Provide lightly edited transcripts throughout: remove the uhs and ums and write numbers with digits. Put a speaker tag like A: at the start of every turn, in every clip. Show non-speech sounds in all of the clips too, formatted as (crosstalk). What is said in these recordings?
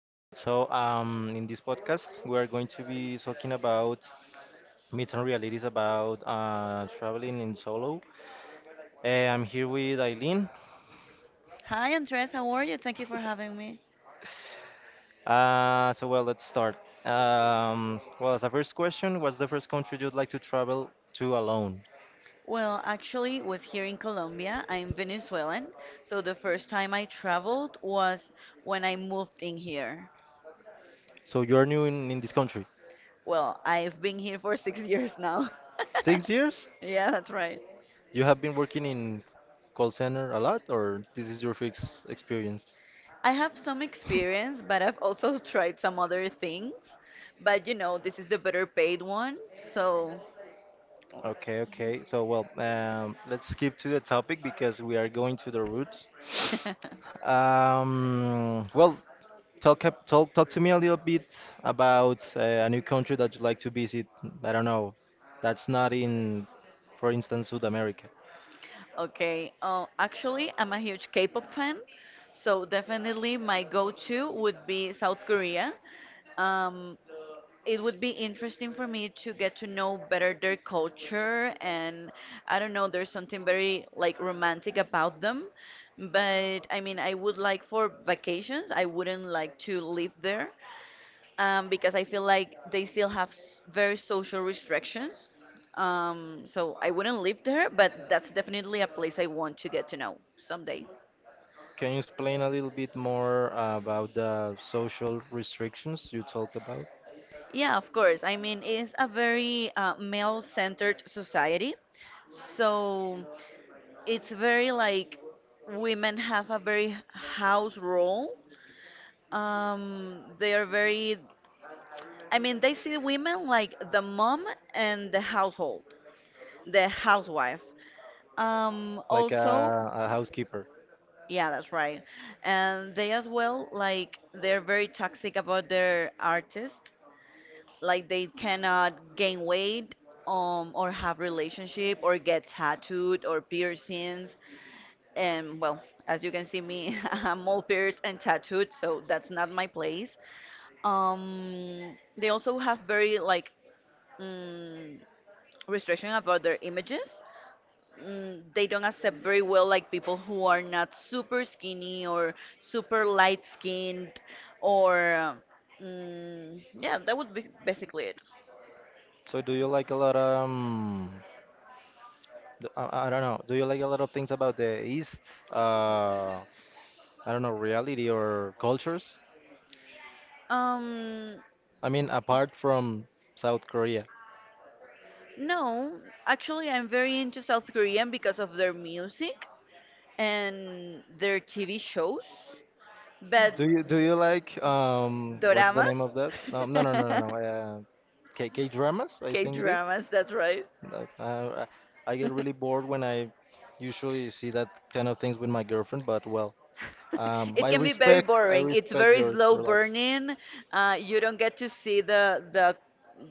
A: All right. So, in this podcast, we are going to be talking about myths and realities about traveling in solo. I'm here with Eileen.
B: Hi, Andres. How are you? Thank you for having me.
A: Let's start. As a first question, what's the first country you'd like to travel to alone?
B: Well, actually, was here in Colombia. I'm Venezuelan, so the first time I traveled was when I moved in here.
A: So, you're new in this country.
B: Well, I've been here for (laughs) 6 years now. (laughs)
A: 6 years?
B: Yeah, that's right.
A: You have been working in call center a lot, or this is your first experience?
B: I have some experience, but I've also (laughs) tried some other things. But this is the better paid one, so.
A: Okay. Let's skip to the topic because we are going to the roots.
B: (laughs)
A: Um, well, Talk to me a little bit about a new country that you'd like to visit. I don't know. That's not in, for instance, South America.
B: Okay. Actually, I'm a huge K-pop fan, so definitely my go-to would be South Korea. Um, it would be interesting for me to get to know better their culture, and I don't know, there's something very like romantic about them. But I mean, I would like for vacations, I wouldn't like to live there, because I feel like they still have very social restrictions. So I wouldn't live there, but that's definitely a place I want to get to know someday.
A: Can you explain a little bit more about the social restrictions you talked about?
B: Yeah, of course. I mean, it's a very male-centered society, so it's very like women have a very house role. They are very. I mean, they see women like the mom and the household, the housewife.
A: Like
B: Also,
A: a housekeeper.
B: yeah, that's right. And they as well, like, they're very toxic about their artists. Like, they cannot gain weight, or have relationship, or get tattooed or piercings. And well, as you can see me, (laughs) I'm all pierced and tattooed, so that's not my place. They also have very like mm, restriction about their images. They don't accept very well like people who are not super skinny or super light skinned or yeah, that would be basically it.
A: So, do you like a lot D- I don't know. Do you like a lot of things about the East? Uh, I don't know, reality or cultures?
B: um
A: I mean, apart from South Korea.
B: no, actually I'm very into South Korean because of their music and their TV shows, but
A: Do you like what's the
B: doramas.
A: name of that? No no no no no no.
B: (laughs)
A: K dramas, I
B: K
A: think it is.
B: dramas, that's right.
A: I get really bored when I usually see that kind of things with my girlfriend, but
B: (laughs)
A: I
B: It can be very
A: respect I
B: boring. It's
A: respect
B: very
A: your
B: slow
A: your likes.
B: burning. You don't get to see the the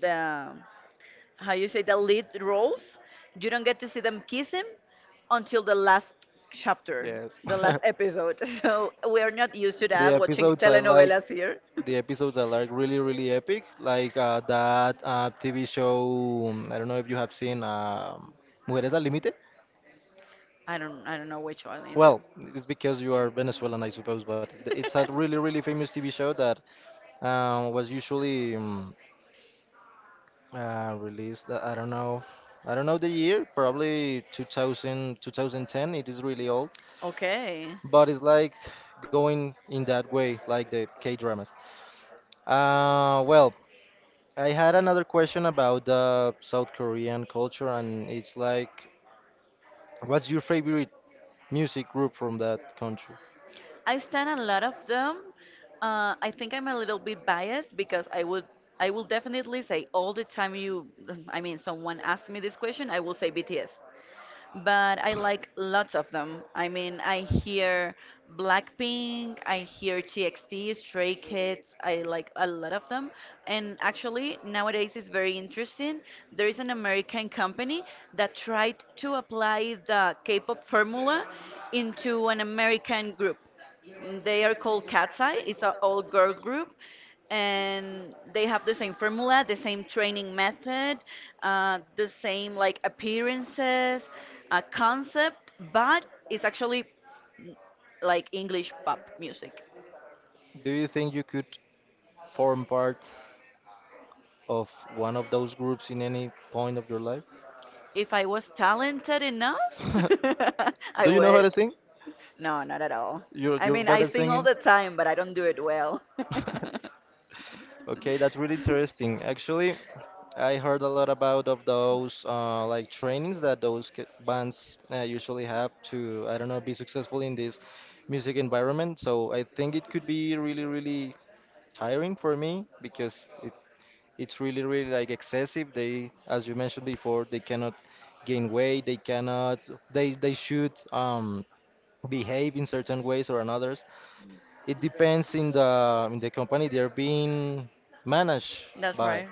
B: the how you say the lead roles. You don't get to see them kissing until the last chapter,
A: Yes.
B: the last
A: (laughs)
B: episode. (laughs) So we are not used to
A: the
B: that watching
A: episodes I like,
B: telenovelas here. (laughs)
A: the episodes I like really, really epic, like that TV show. I don't know if you have seen Mujeres al Límite.
B: I don't know which one is it.
A: Well, it's because you are Venezuelan, I suppose, but it's a really, really famous TV show that was usually released. I don't know the year, probably 2000, 2010. It is really old,
B: (laughs) Okay.
A: but it's like going in that way, like the K dramas. Uh, well, I had another question about the South Korean culture, and it's like, what's your favorite music group from that country?
B: I stand a lot of them. I think I'm a little bit biased because I will definitely say all the time you. (laughs) I mean, someone asks me this question, I will say BTS, but I like lots of them. I mean, I hear Blackpink, I hear TXT, Stray Kids, I like a lot of them. And actually, nowadays it's very interesting. There is an American company that tried to apply the K-pop formula into an American group. They are called Cat's Eye. It's an all girl group and they have the same formula, the same training method, the same like appearances, concept, but it's actually like English pop music.
A: Do you think you could form part of one of those groups in any point of your life?
B: If I was talented enough, (laughs)
A: (laughs)
B: I
A: Do you know how to
B: would.
A: sing?
B: No, not at all.
A: You're
B: I
A: you're
B: mean,
A: bad
B: I
A: at
B: sing
A: singing.
B: all the time, but I don't do it well. (laughs)
A: (laughs) Okay, that's really interesting. Actually, I heard a lot about of those like trainings that those bands usually have to, I don't know, be successful in this music environment. So I think it could be really, really tiring for me because it, it's really, really like excessive. They, as you mentioned before, they cannot gain weight. They cannot. They should behave in certain ways or another. It depends in the company they're being managed
B: That's
A: by.
B: right.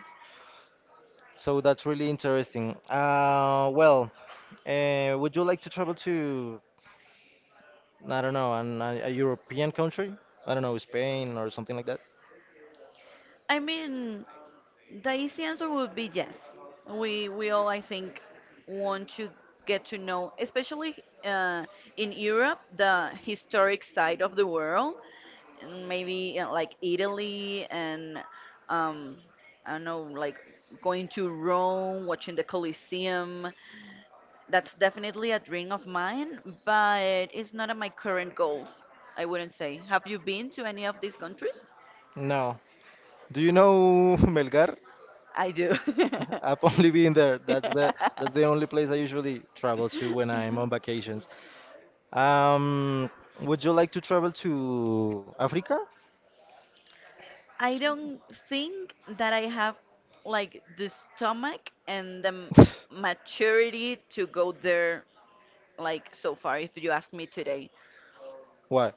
A: So that's really interesting. Would you like to travel to, I don't know, a European country? I don't know, Spain or something like that?
B: I mean, the easy answer would be yes. We all, I think, want to get to know, especially uh, in Europe, the historic side of the world, and maybe like Italy and, um, I don't know, like going to Rome, watching the Colosseum. That's definitely a dream of mine, but it's not on my current goals, I wouldn't say. Have you been to any of these countries?
A: No. Do you know (laughs) Melgar?
B: I do.
A: I've only been there. That's the
B: (laughs)
A: only place I usually travel to when
B: Uh-huh.
A: I'm on vacations. Um, would you like to travel to Africa?
B: I don't think that I have like the stomach
A: (laughs)
B: and the maturity to go there, like so far, if you ask me today.
A: Why?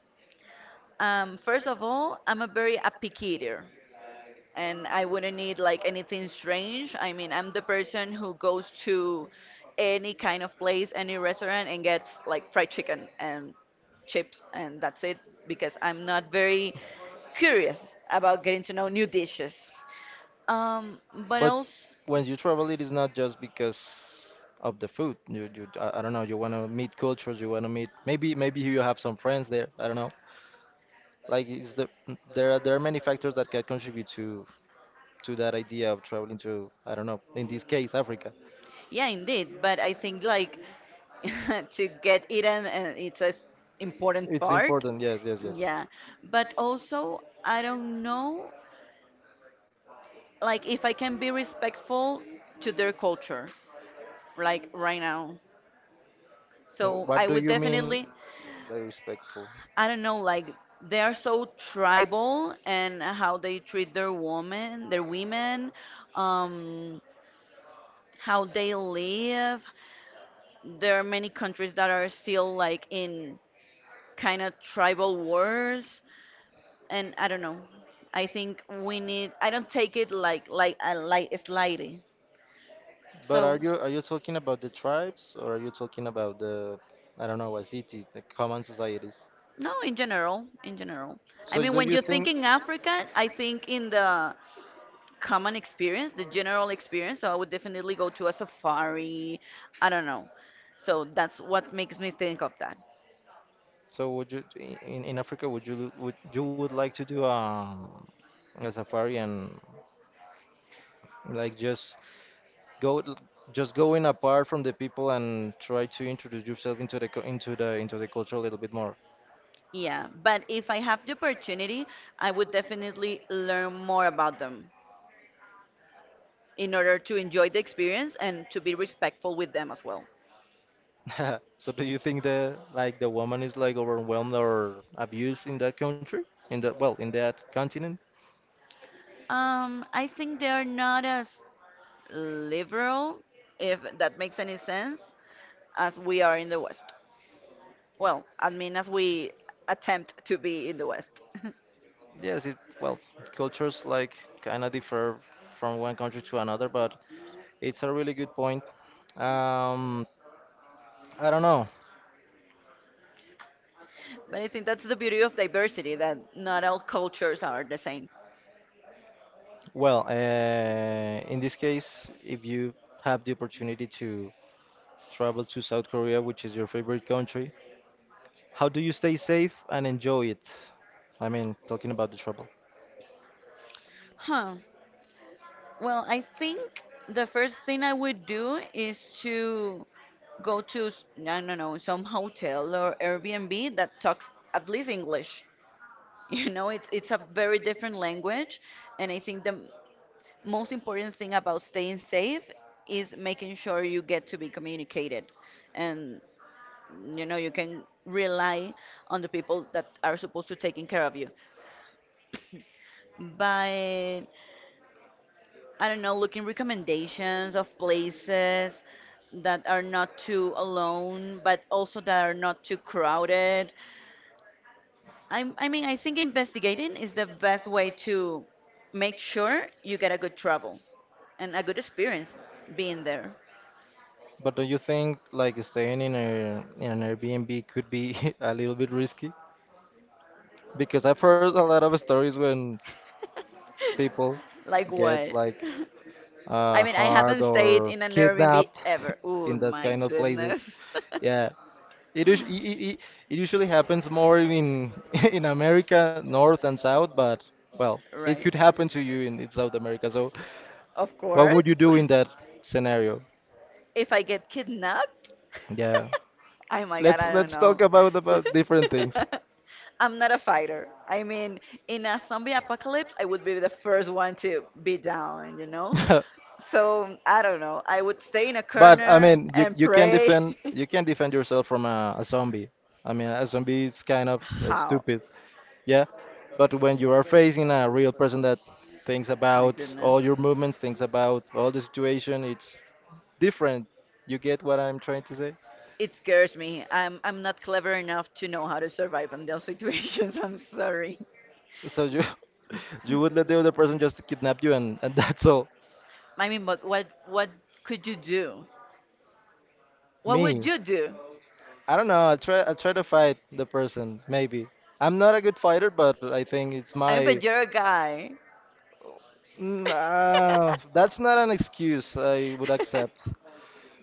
B: First of all, I'm a very a picky eater, and I wouldn't need like anything strange. I mean, I'm the person who goes to any kind of place, any restaurant, and gets like fried chicken and chips, and that's it, because I'm not very curious about getting to know new dishes. Um, but
A: But
B: else,
A: when you travel, it is not just because of the food. I, don't know. You want to meet cultures. You want to meet maybe, maybe you have some friends there. I don't know. Like, is the there are many factors that can contribute to that idea of traveling to I don't know. In this case, Africa.
B: yeah, indeed. But I think like (laughs) to get eaten, and it's an important
A: It's
B: part.
A: important. Yes, yes, yes.
B: Yeah, but also I don't know, like if I can be respectful to their culture, like right now. So I
A: What do
B: would
A: you mean
B: definitely,
A: by respectful?
B: I don't know, like they are so tribal and how they treat their women, um, how they live. There are many countries that are still like in kind of tribal wars, and I don't know. I think we need. I don't take it like like slightly.
A: But
B: So
A: are you talking about the tribes or are you talking about the I don't know, a city, the common societies?
B: no, in general, in general.
A: So
B: I
A: do
B: mean,
A: you
B: when you
A: think?
B: think in Africa, I think in the common experience, the general experience. So I would definitely go to a safari. I don't know. So that's what makes me think of that.
A: So would you in Africa would you would like to do a safari and like just go just going apart from the people and try to introduce yourself into the cu- into the culture a little bit more.
B: Yeah, but if I have the opportunity, I would definitely learn more about them in order to enjoy the experience and to be respectful with them as well.
A: (laughs) So do you think that like the woman is like overwhelmed or abused in that country? In that continent?
B: I think they are not as liberal, if that makes any sense, as we are in the West. Well, I mean, as we attempt to be in the West. (laughs)
A: Yes, it well, Cultures like kind of differ from one country to another, but it's a really good point. Um, I don't know.
B: But I think that's the beauty of diversity, that not all cultures are the same.
A: Well, in this case, if you have the opportunity to travel to South Korea, which is your favorite country, how do you stay safe and enjoy it? I mean, talking about the travel.
B: Huh. Well, I think the first thing I would do is to go to, I don't know, some hotel or Airbnb that talks at least English. (laughs) You know, it's a very different language, and I think the most important thing about staying safe is making sure you get to be communicated. And you know you can rely on the people that are supposed to taking care of you by, I don't know, looking recommendations of places that are not too alone but also that are not too crowded. I mean, I think investigating is the best way to make sure you get a good travel and a good experience being there.
A: But do you think like staying in a in an Airbnb could be (laughs) a little bit risky? Because I've heard a lot of stories when people
B: Like
A: get
B: what?
A: like
B: (laughs) I mean, I
A: hard
B: haven't stayed
A: or
B: in an Airbnb
A: kidnapped
B: ever.
A: (laughs)
B: Oh
A: in that
B: my
A: kind of
B: goodness.
A: places.
B: (laughs)
A: Yeah. It, us- I- It usually happens more in (laughs) in America, North and South, but well, it could
B: Right.
A: happen to you in South America. So,
B: Of
A: what would
B: course.
A: you do in that
B: (laughs)
A: scenario?
B: If I get kidnapped,
A: Yeah,
B: (laughs) oh my God,
A: let's
B: I don't
A: let's
B: know.
A: talk about different things.
B: (laughs) I'm not a fighter. I mean, in a zombie apocalypse, I would be the first one to be down, you know?
A: (laughs)
B: So I don't know. I would stay in a
A: But I
B: corner
A: mean,
B: and
A: you can
B: pray.
A: defend
B: (laughs)
A: you can defend yourself from a zombie. I mean, a zombie is kind of
B: How?
A: stupid. Yeah, but when you are facing a real person that thinks
B: My
A: about
B: goodness.
A: all your movements, thinks about all the situation, it's different. You get what I'm trying to say?
B: It scares me. I'm not clever enough to know how to survive in those situations. (laughs) I'm sorry.
A: So you (laughs) you would let the other person just kidnap you and (laughs) that's all.
B: I mean, but what could you do? What would
A: Me.
B: you do?
A: I don't know, I try to fight the person, maybe. I'm not a good fighter, but I think it's
B: I mean,
A: my
B: but you're a guy. (laughs)
A: That's not an excuse I would accept.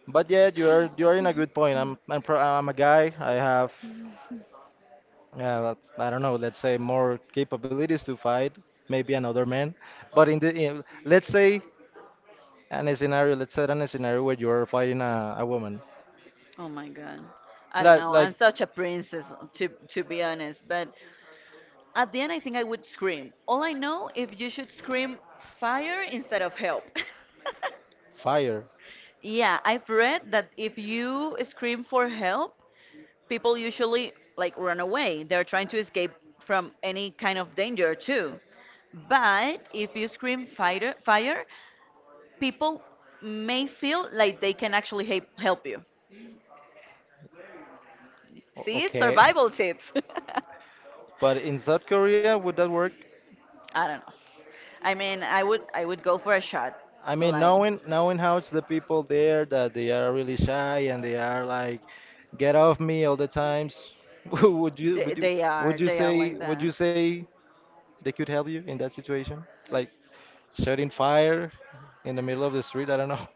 A: But yeah, you are in a good point. I'm a guy. I have I don't know, let's say more capabilities to fight maybe another man. But let's say an a scenario, let's set an a scenario where you're fighting a woman.
B: (laughs) Oh my God. I don't know.
A: Like
B: I'm such a princess, to be honest. But at the end, I think I would scream. All I know, if you should scream fire instead of help. (laughs)
A: fire.
B: Yeah, I've read that if you scream for help, people usually like run away. They're trying to escape from any kind of danger too. But if you scream fire, fire, people may feel like they can actually help you. See,
A: Okay.
B: survival
A: (laughs)
B: tips. (laughs)
A: But in South Korea, would that work?
B: I don't know. I mean, I would go for a shot.
A: I mean,
B: Like,
A: knowing how it's the people there that they are really shy and they are like, get off me all the times. (laughs) Would you would you
B: they are, they are like
A: would you
B: that.
A: say they could help you in that situation? Like setting fire in the middle of the street? I don't know.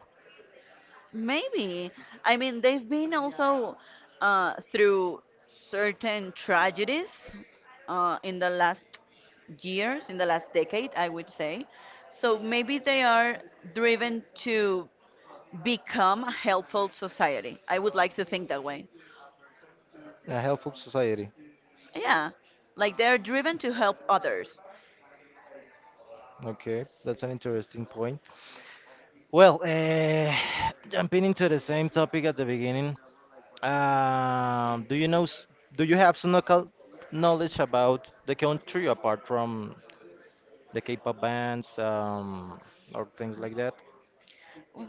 B: Maybe. I mean, they've been also through certain tragedies in the last years, in the last decade, I would say. So maybe they are driven to become a helpful society. I would like to think that way.
A: (laughs) A helpful society.
B: Yeah, like they're driven to help others.
A: Okay, that's an interesting point. Well, (sighs) jumping into the same topic at the beginning, do you know, do you have some local knowledge about the country apart from the K-pop bands or things like that?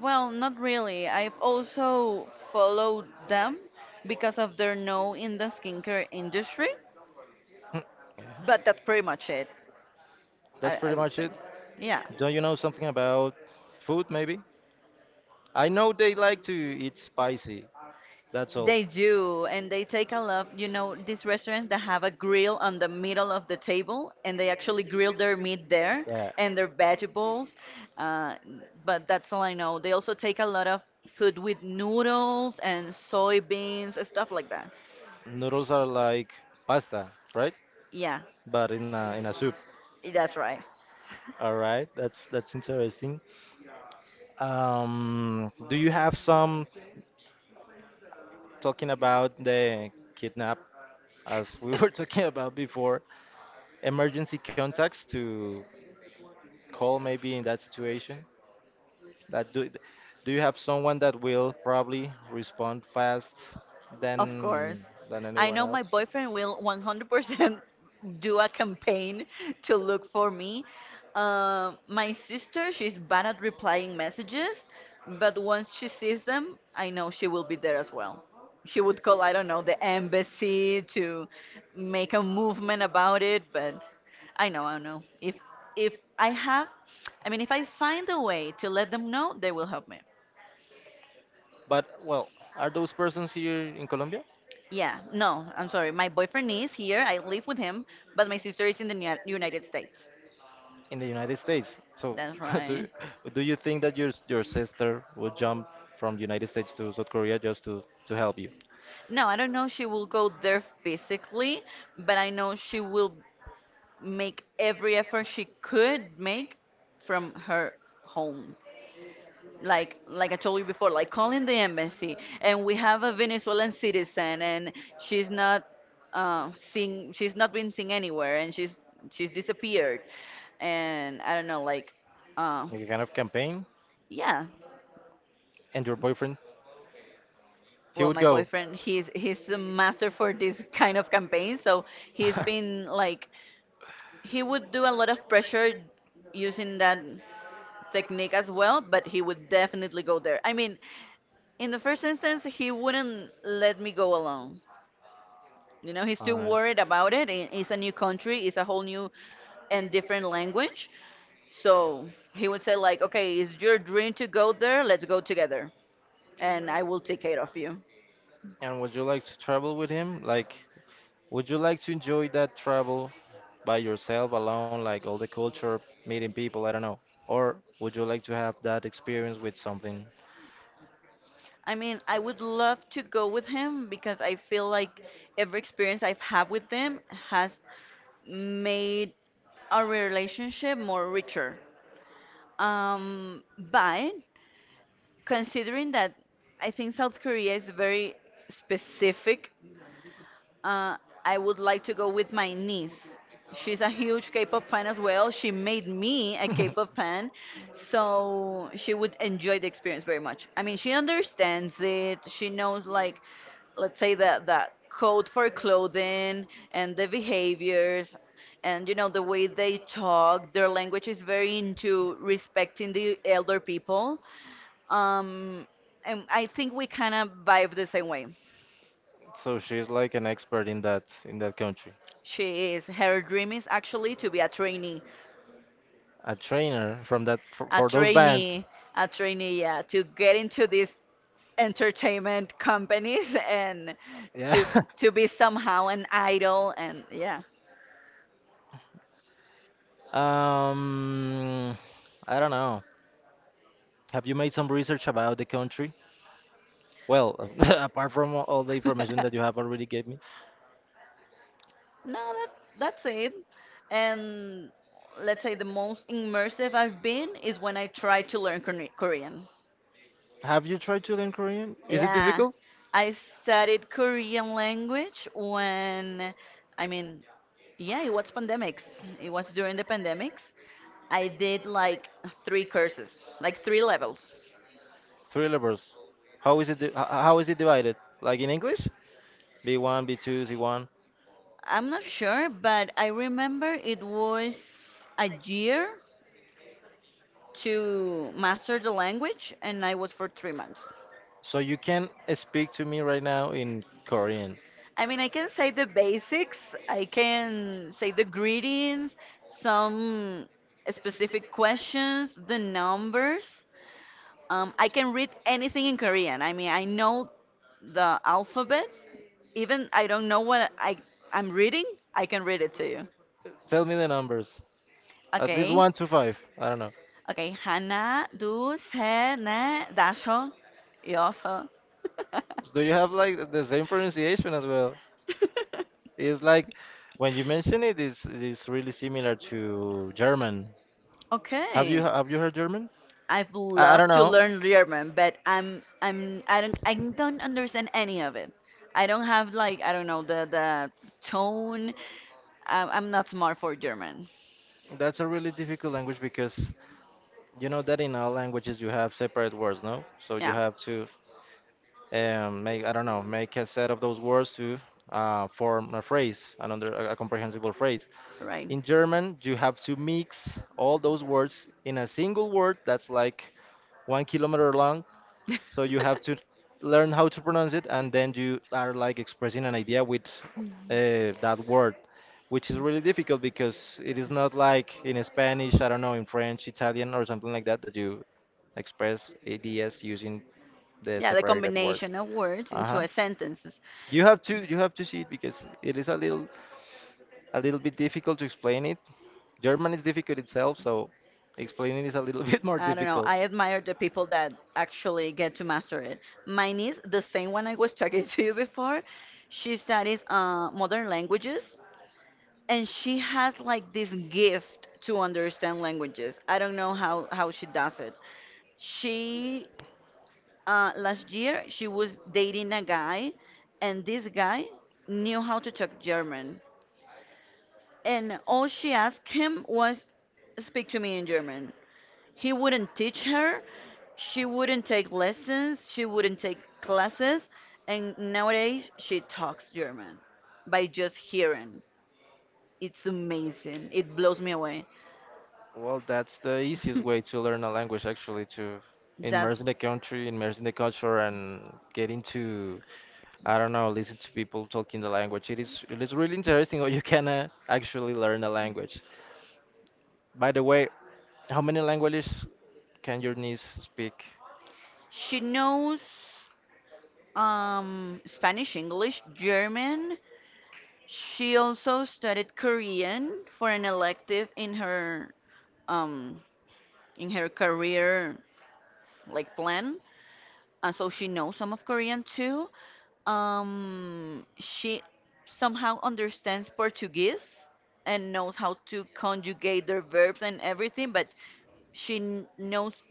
B: Well, not really. I've also followed them because of their know in the skincare industry,
A: (laughs) Hmm,
B: but that's pretty much it,
A: that's pretty
B: I
A: much
B: would
A: it.
B: say. Yeah.
A: Don't you know something about food, maybe? I know they like to eat spicy. That's all.
B: They do, and they take a lot. You know, these restaurants that have a grill on the middle of the table, and they actually grill their meat there
A: Yeah,
B: and their vegetables. Uh, but that's all I know. They also take a lot of food with noodles and soybeans and stuff like that.
A: noodles are like pasta, right?
B: Yeah,
A: But in a soup.
B: that's right.
A: All right, that's interesting. Do you have some talking about the kidnap, as we were (laughs) talking about before, emergency contacts to call maybe in that situation? That do you have someone that will probably respond fast
B: Of course.
A: than
B: I
A: anyone
B: know my
A: else?
B: boyfriend will 100% (laughs) do a campaign to look for me. My sister, she's bad at replying messages, but once she sees them, I know she will be there as well. She would call, I don't know, the embassy to make a movement about it, but I know, I know. If I have, I mean, if I find a way to let them know, they will help me.
A: But well, are those persons here in Colombia?
B: Yeah, no, I'm sorry. My boyfriend is here. I live with him, but my sister is in the United States.
A: In the United States. So
B: That's
A: (laughs) do
B: right.
A: do you think that your sister would jump from the United States to South Korea just to help you?
B: No, I don't know if she will go there physically, but I know she will make every effort she could make from her home. Like I told you before, like calling the embassy, and we have a Venezuelan citizen and she's not seen, she's not been seen anywhere and she's disappeared and I don't know like uh.
A: Like a kind of campaign?
B: Yeah.
A: And your boyfriend, he
B: Well,
A: would
B: my
A: go.
B: boyfriend, he's a master for this kind of campaign, so he's
A: (laughs)
B: been like, he would do a lot of pressure using that technique as well, but he would definitely go there. I mean, in the first instance, he wouldn't let me go alone. You know, he's
A: All
B: too
A: right.
B: worried about it. It's a new country, it's a whole new and different language. So he would say like, "Okay, it's your dream to go there. Let's go together, and I will take care of you."
A: And would you like to travel with him? Like, would you like to enjoy that travel by yourself alone, like all the culture, meeting people, I don't know? Or would you like to have that experience with something,
B: I mean, I would love to go with him because I feel like every experience I've had with them has made our relationship more richer. But considering that I think South Korea is very specific uh, I would like to go with my niece. She's a huge K-pop fan as well. She made me a
A: (laughs)
B: K-pop fan, so she would enjoy the experience very much. I mean, she understands it. She knows like, let's say the code for clothing and the behaviors, and you know the way they talk. Their language is very into respecting the elder people. Um, and I think we kind of vibe the same way.
A: so she's like an expert in that country.
B: She is. Her dream is actually to be a trainee,
A: A trainer from that
B: a
A: for those bands.
B: trainee, a trainee, yeah, to get into these entertainment companies (laughs) and
A: Yeah.
B: to
A: (laughs)
B: to be somehow an idol and yeah.
A: Um, I don't know. Have you made some research about the country? Well, (laughs) apart from all the information that you
B: (laughs)
A: have already gave me,
B: No, that's it. And let's say the most immersive I've been is when I tried to learn Korean.
A: have you tried to learn Korean? Is it
B: Yeah,
A: difficult?
B: I studied Korean language when, I mean, yeah, it was pandemics. It was during the pandemics. I did like three courses, like three levels.
A: Three levels. How is it? How is it divided? Like in English? B1, B2, C1.
B: I'm not sure, but I remember it was a year to master the language, and I was for 3 months.
A: So you can speak to me right now in Korean.
B: I mean, I can say the basics. I can say the greetings, some specific questions, the numbers. I can read anything in Korean. I mean, I know the alphabet. Even I don't know what I'm reading. I can read it to you.
A: Tell me the numbers. At least
B: Okay.
A: one to five. I don't know.
B: Okay. 하나, 둘, 셋, 넷, 다섯, 여섯. (laughs)
A: Do you have like the same pronunciation as well? It's like when you mention it, it's really similar to German.
B: Okay.
A: Have you heard German?
B: I've
A: I don't
B: loved to
A: know.
B: learn German, but I don't understand any of it. I don't have like I don't know the tone. I'm not smart for German.
A: That's a really difficult language because you know that in all languages you have separate words, no? So you
B: Yeah,
A: have to make I don't know make a set of those words to form a phrase, another a comprehensible phrase.
B: right.
A: In German, you have to mix all those words in a single word that's like 1 kilometer long. So you have
B: (laughs)
A: to learn how to pronounce it, and then you are like expressing an idea with that word, which is really difficult because it is not like in Spanish, I don't know, in French, Italian, or something like that, that you express ideas using the
B: Yeah, the
A: separated words.
B: combination of words into
A: Uh-huh.
B: a sentences.
A: You have to see it because it is a little bit difficult to explain it. German is difficult itself, so explaining is a little (laughs) bit more
B: I don't know.
A: difficult.
B: I admire the people that actually get to master it. My niece, the same one I was (laughs) talking to you before, she studies modern languages and she has like this gift to understand languages. I don't know how she does it. She, last year, she was dating a guy and this guy knew how to talk German. And all she asked him was, speak to me in German. He wouldn't teach her. She wouldn't take lessons. She wouldn't take classes. And nowadays, she talks German by just hearing. It's amazing. It blows me away.
A: Well, that's the easiest way to learn a language, actually, to
B: (laughs)
A: immerse
B: That's
A: in the country, immerse in the culture, and get into, I don't know, listen to people talking the language. It is really interesting how you can actually learn a language. By the way, how many languages can your niece speak
B: she knows Spanish, English, German. She also studied Korean for an elective um, in her career like plan. And so she knows some of Korean too. She somehow understands Portuguese and knows how to conjugate their verbs and everything, but knows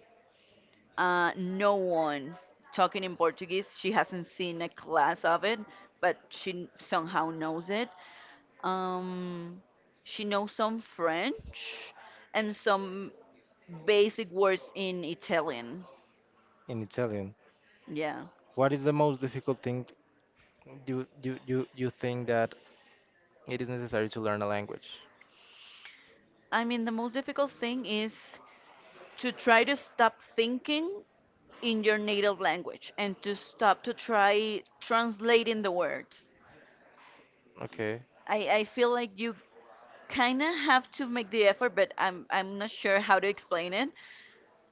B: no one talking in Portuguese. She hasn't seen a class of it, but somehow knows it. Um, she knows some French and some basic words in Italian.
A: in Italian?
B: Yeah.
A: What is the most difficult thing you think that it is necessary to learn a language?
B: I mean, the most difficult thing is to try to stop thinking in your native language and to stop to try translating the words.
A: Okay.
B: I feel like you kind of have to make the effort, but I'm not sure how to explain it,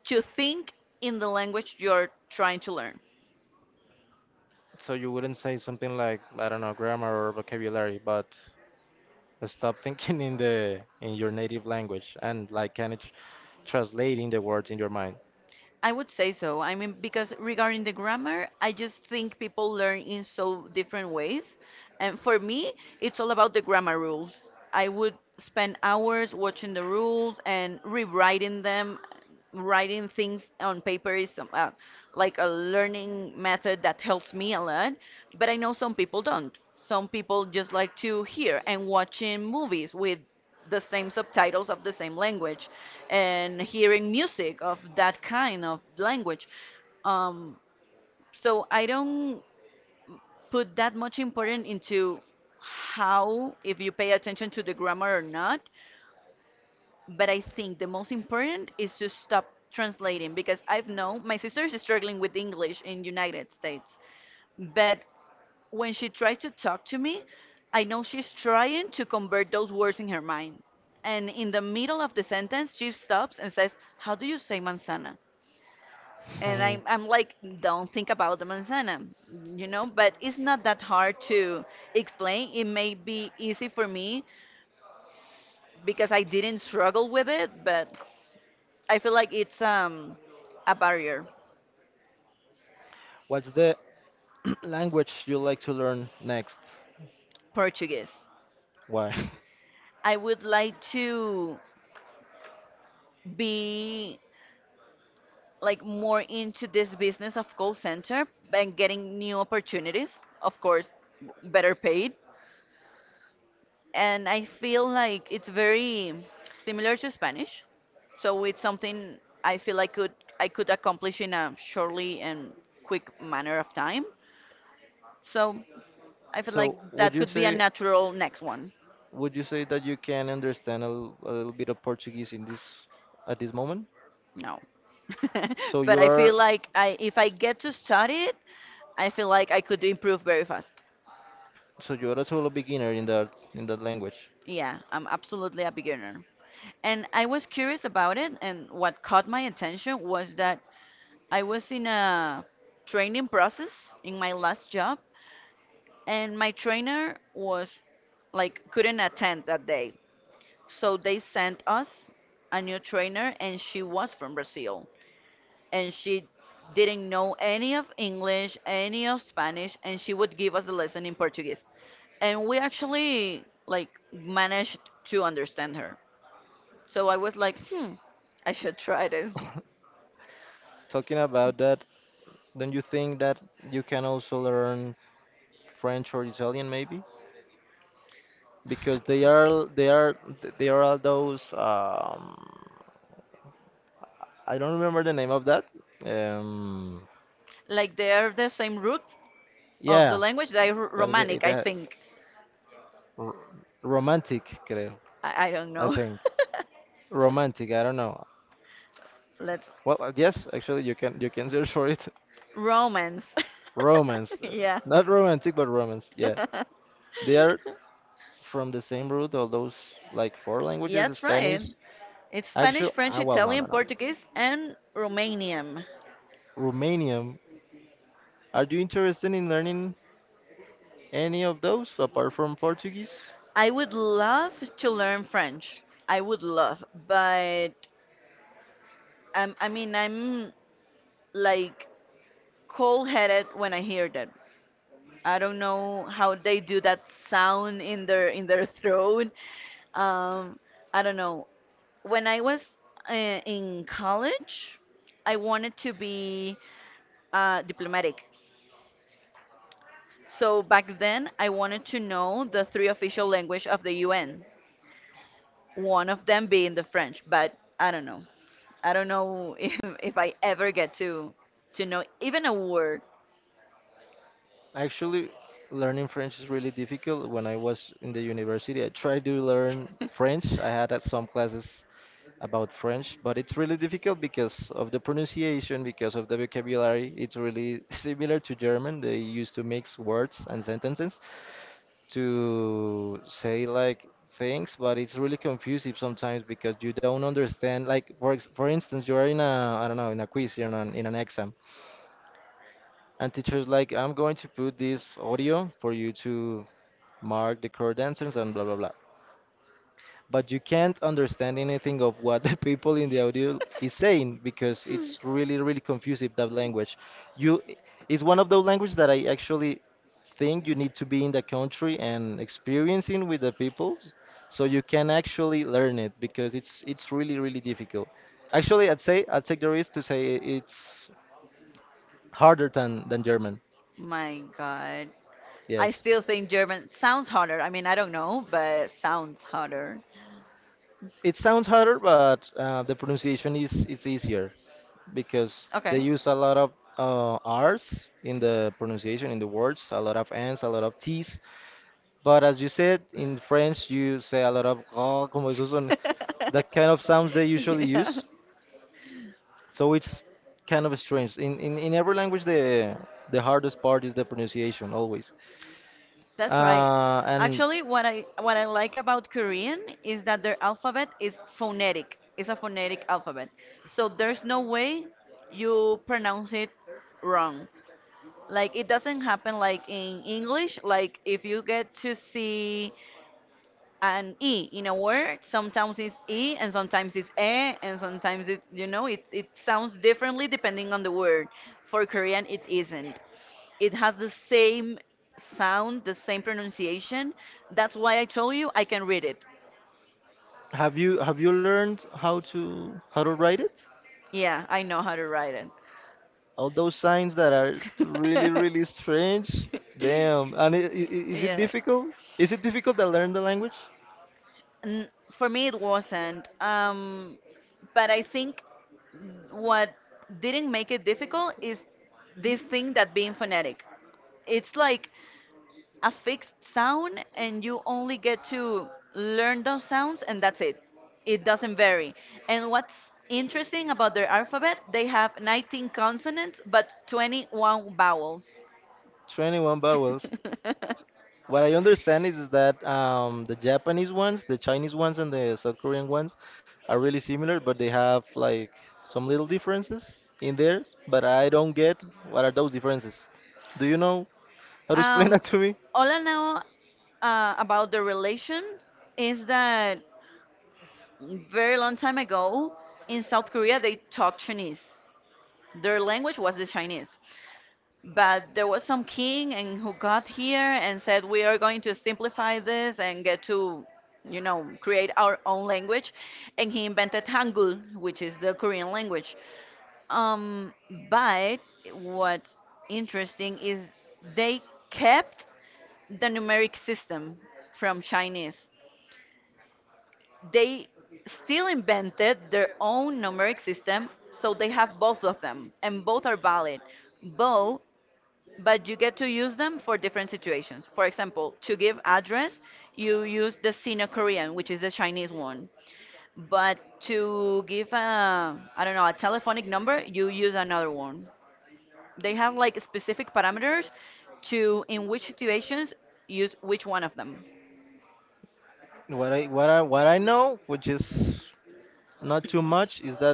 B: to think in the language you're trying to learn.
A: So you wouldn't say something like, I don't know, grammar or vocabulary, but stop thinking in the in your native language and like kind of translating the words in your mind.
B: I would say so. I mean, because regarding the grammar, I just think people learn in so different ways. And for me, it's all about the grammar rules. I would spend hours watching the rules and rewriting them. Writing things on paper is some, like a learning method that helps me a lot, but I know some people don't. Some people just like to hear and watching movies with the same subtitles of the same language and hearing music of that kind of language. Um, so I don't put that much importance into how, if you pay attention to the grammar or not, but I think the most important is to stop translating because I've known my sister is struggling with English in United States, but when she tries to talk to me, I know she's trying to convert those words in her mind. And in the middle of the sentence, she stops and says, how do you say manzana? And I'm like,
A: (laughs)
B: don't think about the manzana, you know? But it's not that hard to explain. It may be easy for me because I didn't struggle with it, but I feel like it's a barrier,
A: What's the (clears throat) language you like to learn next?
B: Portuguese.
A: Why? (laughs)
B: I would like to be like more into this business of call center and getting new opportunities, of course, better paid. And I feel like it's very similar to Spanish. So it's something I feel I could accomplish in a shortly and quick manner of time. So I feel like
A: So would
B: that
A: you
B: could be a
A: say
B: natural next one.
A: would you say that you can understand a little bit of Portuguese in this at this moment?
B: No. (laughs)
A: (laughs) So
B: But
A: you
B: I feel
A: are
B: like I if I get to study it, I feel like I could improve very fast.
A: so you are a total beginner in that language.
B: Yeah, I'm absolutely a beginner. And I was curious about it, and what caught my attention was that I was in a training process in my last job, and my trainer was like couldn't attend that day. So they sent us a new trainer, and she was from Brazil, and she didn't know any of English, any of Spanish, and she would give us the lesson in Portuguese. And we actually like managed to understand her, so I was like, hmm, I should try this.
A: (laughs) Talking about that, don't you think that you can also learn French or Italian maybe, because they are all those I don't remember the name of that. Um,
B: Like they're the same root of the
A: yeah,
B: language. They're
A: that
B: Romanic, I think.
A: r- romantic, creo,
B: I don't
A: I
B: know.
A: think. Romantic, I don't know.
B: (laughs) Let's
A: Well, yes, actually, you can search for it.
B: Romance.
A: (laughs) Romance,
B: (laughs) Yeah.
A: not romantic, but romance. Yeah,
B: (laughs)
A: they are from the same root. All those like four
B: Yeah,
A: languages:
B: that's right.
A: Spanish.
B: It's Spanish,
A: Actually,
B: French,
A: ah, well,
B: Italian,
A: no.
B: Portuguese, and Romanian.
A: Romanian. Are you interested in learning any of those apart from Portuguese?
B: I would love to learn French. I would love, but I'm like cold-headed when I hear that I don't know how they do that sound in their (laughs) throat. Um, I don't know. When I was in college, I wanted to be diplomatic. So back then, I wanted to know the three official language of the UN. One of them being the French, but I don't know. I don't know (laughs) if I ever get to know even a word.
A: Actually, learning French is really difficult. When I was in the university, I tried to learn French. I had some classes about French, but it's really difficult because of the pronunciation, because of the vocabulary. It's really (laughs) similar to German. They used to mix words and sentences to say like things, but it's really confusing sometimes because you don't understand. Like for instance, you are in a I don't know in a quiz, you're in an exam, and teacher's like, I'm going to put this audio for you to mark the correct answers and blah blah blah. But you can't understand anything of what (laughs) the people in the audio is saying because it's really really confusing that language. You it's one of those languages that I actually think you need to be in the country and experiencing with the people so you can actually learn it because it's really really difficult. Actually, I'd take the risk to say it's harder than German.
B: My God. I
A: Yes.
B: still think German sounds harder. I mean, I don't know, but sounds harder.
A: It sounds harder, but the pronunciation is easier because they
B: Okay.
A: use a lot of R's in the pronunciation in the words, a lot of N's, a lot of T's. But as you said in French, you say a lot of "gras", como esos son, (laughs) that kind of sounds they
B: (laughs)
A: usually
B: Yeah,
A: use. So it's kind of strange. In every language, the hardest part is the pronunciation always.
B: that's right.
A: And
B: Actually, what I like about Korean is that their alphabet is phonetic. It's a phonetic alphabet, so there's no way you pronounce it wrong. Like it doesn't happen like in English. Like if you get to see an e in a word, sometimes it's e and sometimes it's e and sometimes it's, you know, it sounds differently depending on the word. For Korean, it isn't. It has the same sound, the same pronunciation. That's why I told you I can read it.
A: have you learned how to write it?
B: Yeah, I know how to write it.
A: All those signs that are really really strange. Damn. And
B: (laughs)
A: is it
B: Yeah.
A: difficult? Is it difficult to learn the language?
B: For me, it wasn't. But I think what didn't make it difficult is this thing that being phonetic. It's like a fixed sound, and you only get to learn those sounds, and that's it. It doesn't vary. And what's interesting about their alphabet, they have 19 consonants but 21 vowels.
A: 21 vowels.
B: (laughs)
A: What I understand is, that the Japanese ones, the Chinese ones, and the South Korean ones are really similar, but they have like some little differences in theirs. But I don't get what are those differences. Do you know how to explain (laughs)
B: um,
A: that to me?
B: all I know about the relations is that very long time ago in South Korea they talked Chinese, their language was the Chinese. But there was some king and who got here and said we are going to simplify this and get to, you know, create our own language, and he invented Hangul, which is the Korean language. Um but what's interesting is they kept the numeric system from Chinese. They still invented their own numeric system, so they have both of them and both are valid, both, but you get to use them for different situations. For example, to give address, you use the Sino Korean, which is the Chinese one. But to give a, I don't know, a telephonic number, you use another one. They have like specific parameters to in which situations use which one of them.
A: What I know, which is not too much, is that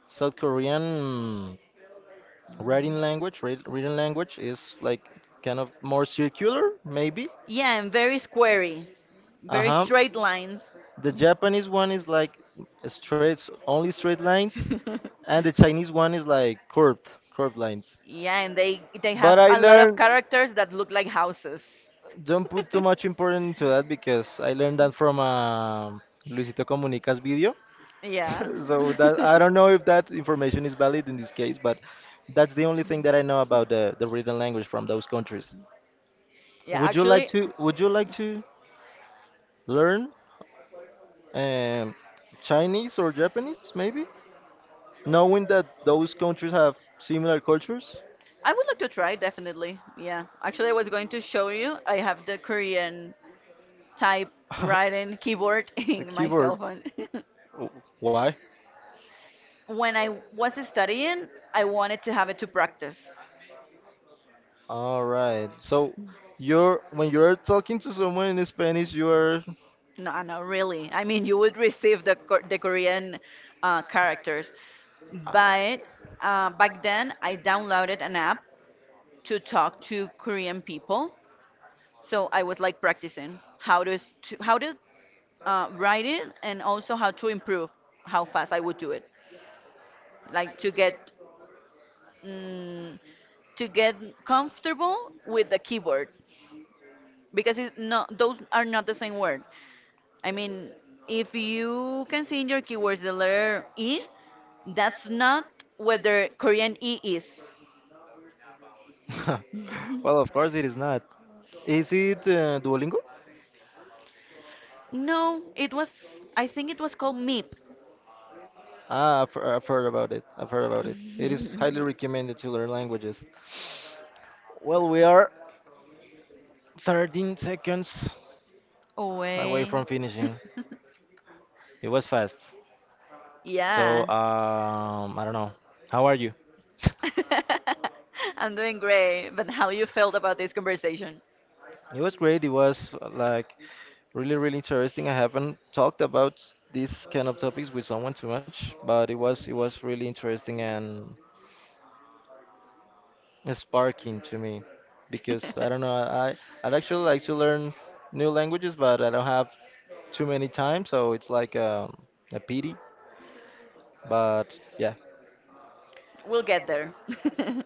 A: South Korean writing language, written language is like kind of more circular, maybe.
B: Yeah, and very squarey,
A: Uh
B: very
A: huh.
B: straight lines.
A: The Japanese one is like straight, only straight lines, and the Chinese one is like curved, curved lines.
B: (laughs) Yeah, and they have
A: But I
B: a lot of
A: learned
B: characters that look like houses.
A: don't put too much
B: (laughs)
A: importance into that because I learned that from Luisito Comunica's video.
B: Yeah.
A: (laughs) So that
B: (laughs)
A: I don't know if that information is valid in this case, but that's the only thing that I know about the written language from those countries.
B: Yeah,
A: Would you like
B: actually
A: to would you like to learn um, Chinese or Japanese, maybe, knowing that those countries have similar cultures?
B: I would like to try definitely. Yeah. Actually I was going to show you. I have the Korean type writing
A: (laughs)
B: keyboard (laughs)
A: The
B: in my
A: keyboard.
B: cell phone.
A: Oh, why?
B: (laughs) When I was studying, I wanted to have it to practice.
A: All right. So you're when you're talking to someone in Spanish, you are.
B: No, no, really. I mean, you would receive the Korean characters,
A: Uh,
B: but back then I downloaded an app to talk to Korean people. So I was like practicing how to s- to how to write it and also how to improve how fast I would do it, like to get mm, to get comfortable with the keyboard because it's not those are not the same word. I mean, if you can see in your keywords the letter E, that's not what the Korean E is.
A: (laughs) well, of course it is not. Is it Duolingo?
B: No, it was, I think it was called MEEP.
A: Ah, I've heard about it. I've heard about it. It is highly
B: (laughs)
A: recommended to learn languages. Well, we are 13 seconds away
B: Away.
A: from finishing.
B: (laughs)
A: It was fast. So,
B: Yeah.
A: I don't know. How are you? (laughs)
B: (laughs) I'm doing great, but how you felt about this conversation?
A: It was great. It was like really, really interesting. I haven't talked about these kind of topics with someone too much, but it was really interesting and sparking to me because I don't know. I I'd actually like to learn new languages, but I don't have too many time, so it's like a pity. But yeah,
B: (laughs) We'll get there. (laughs)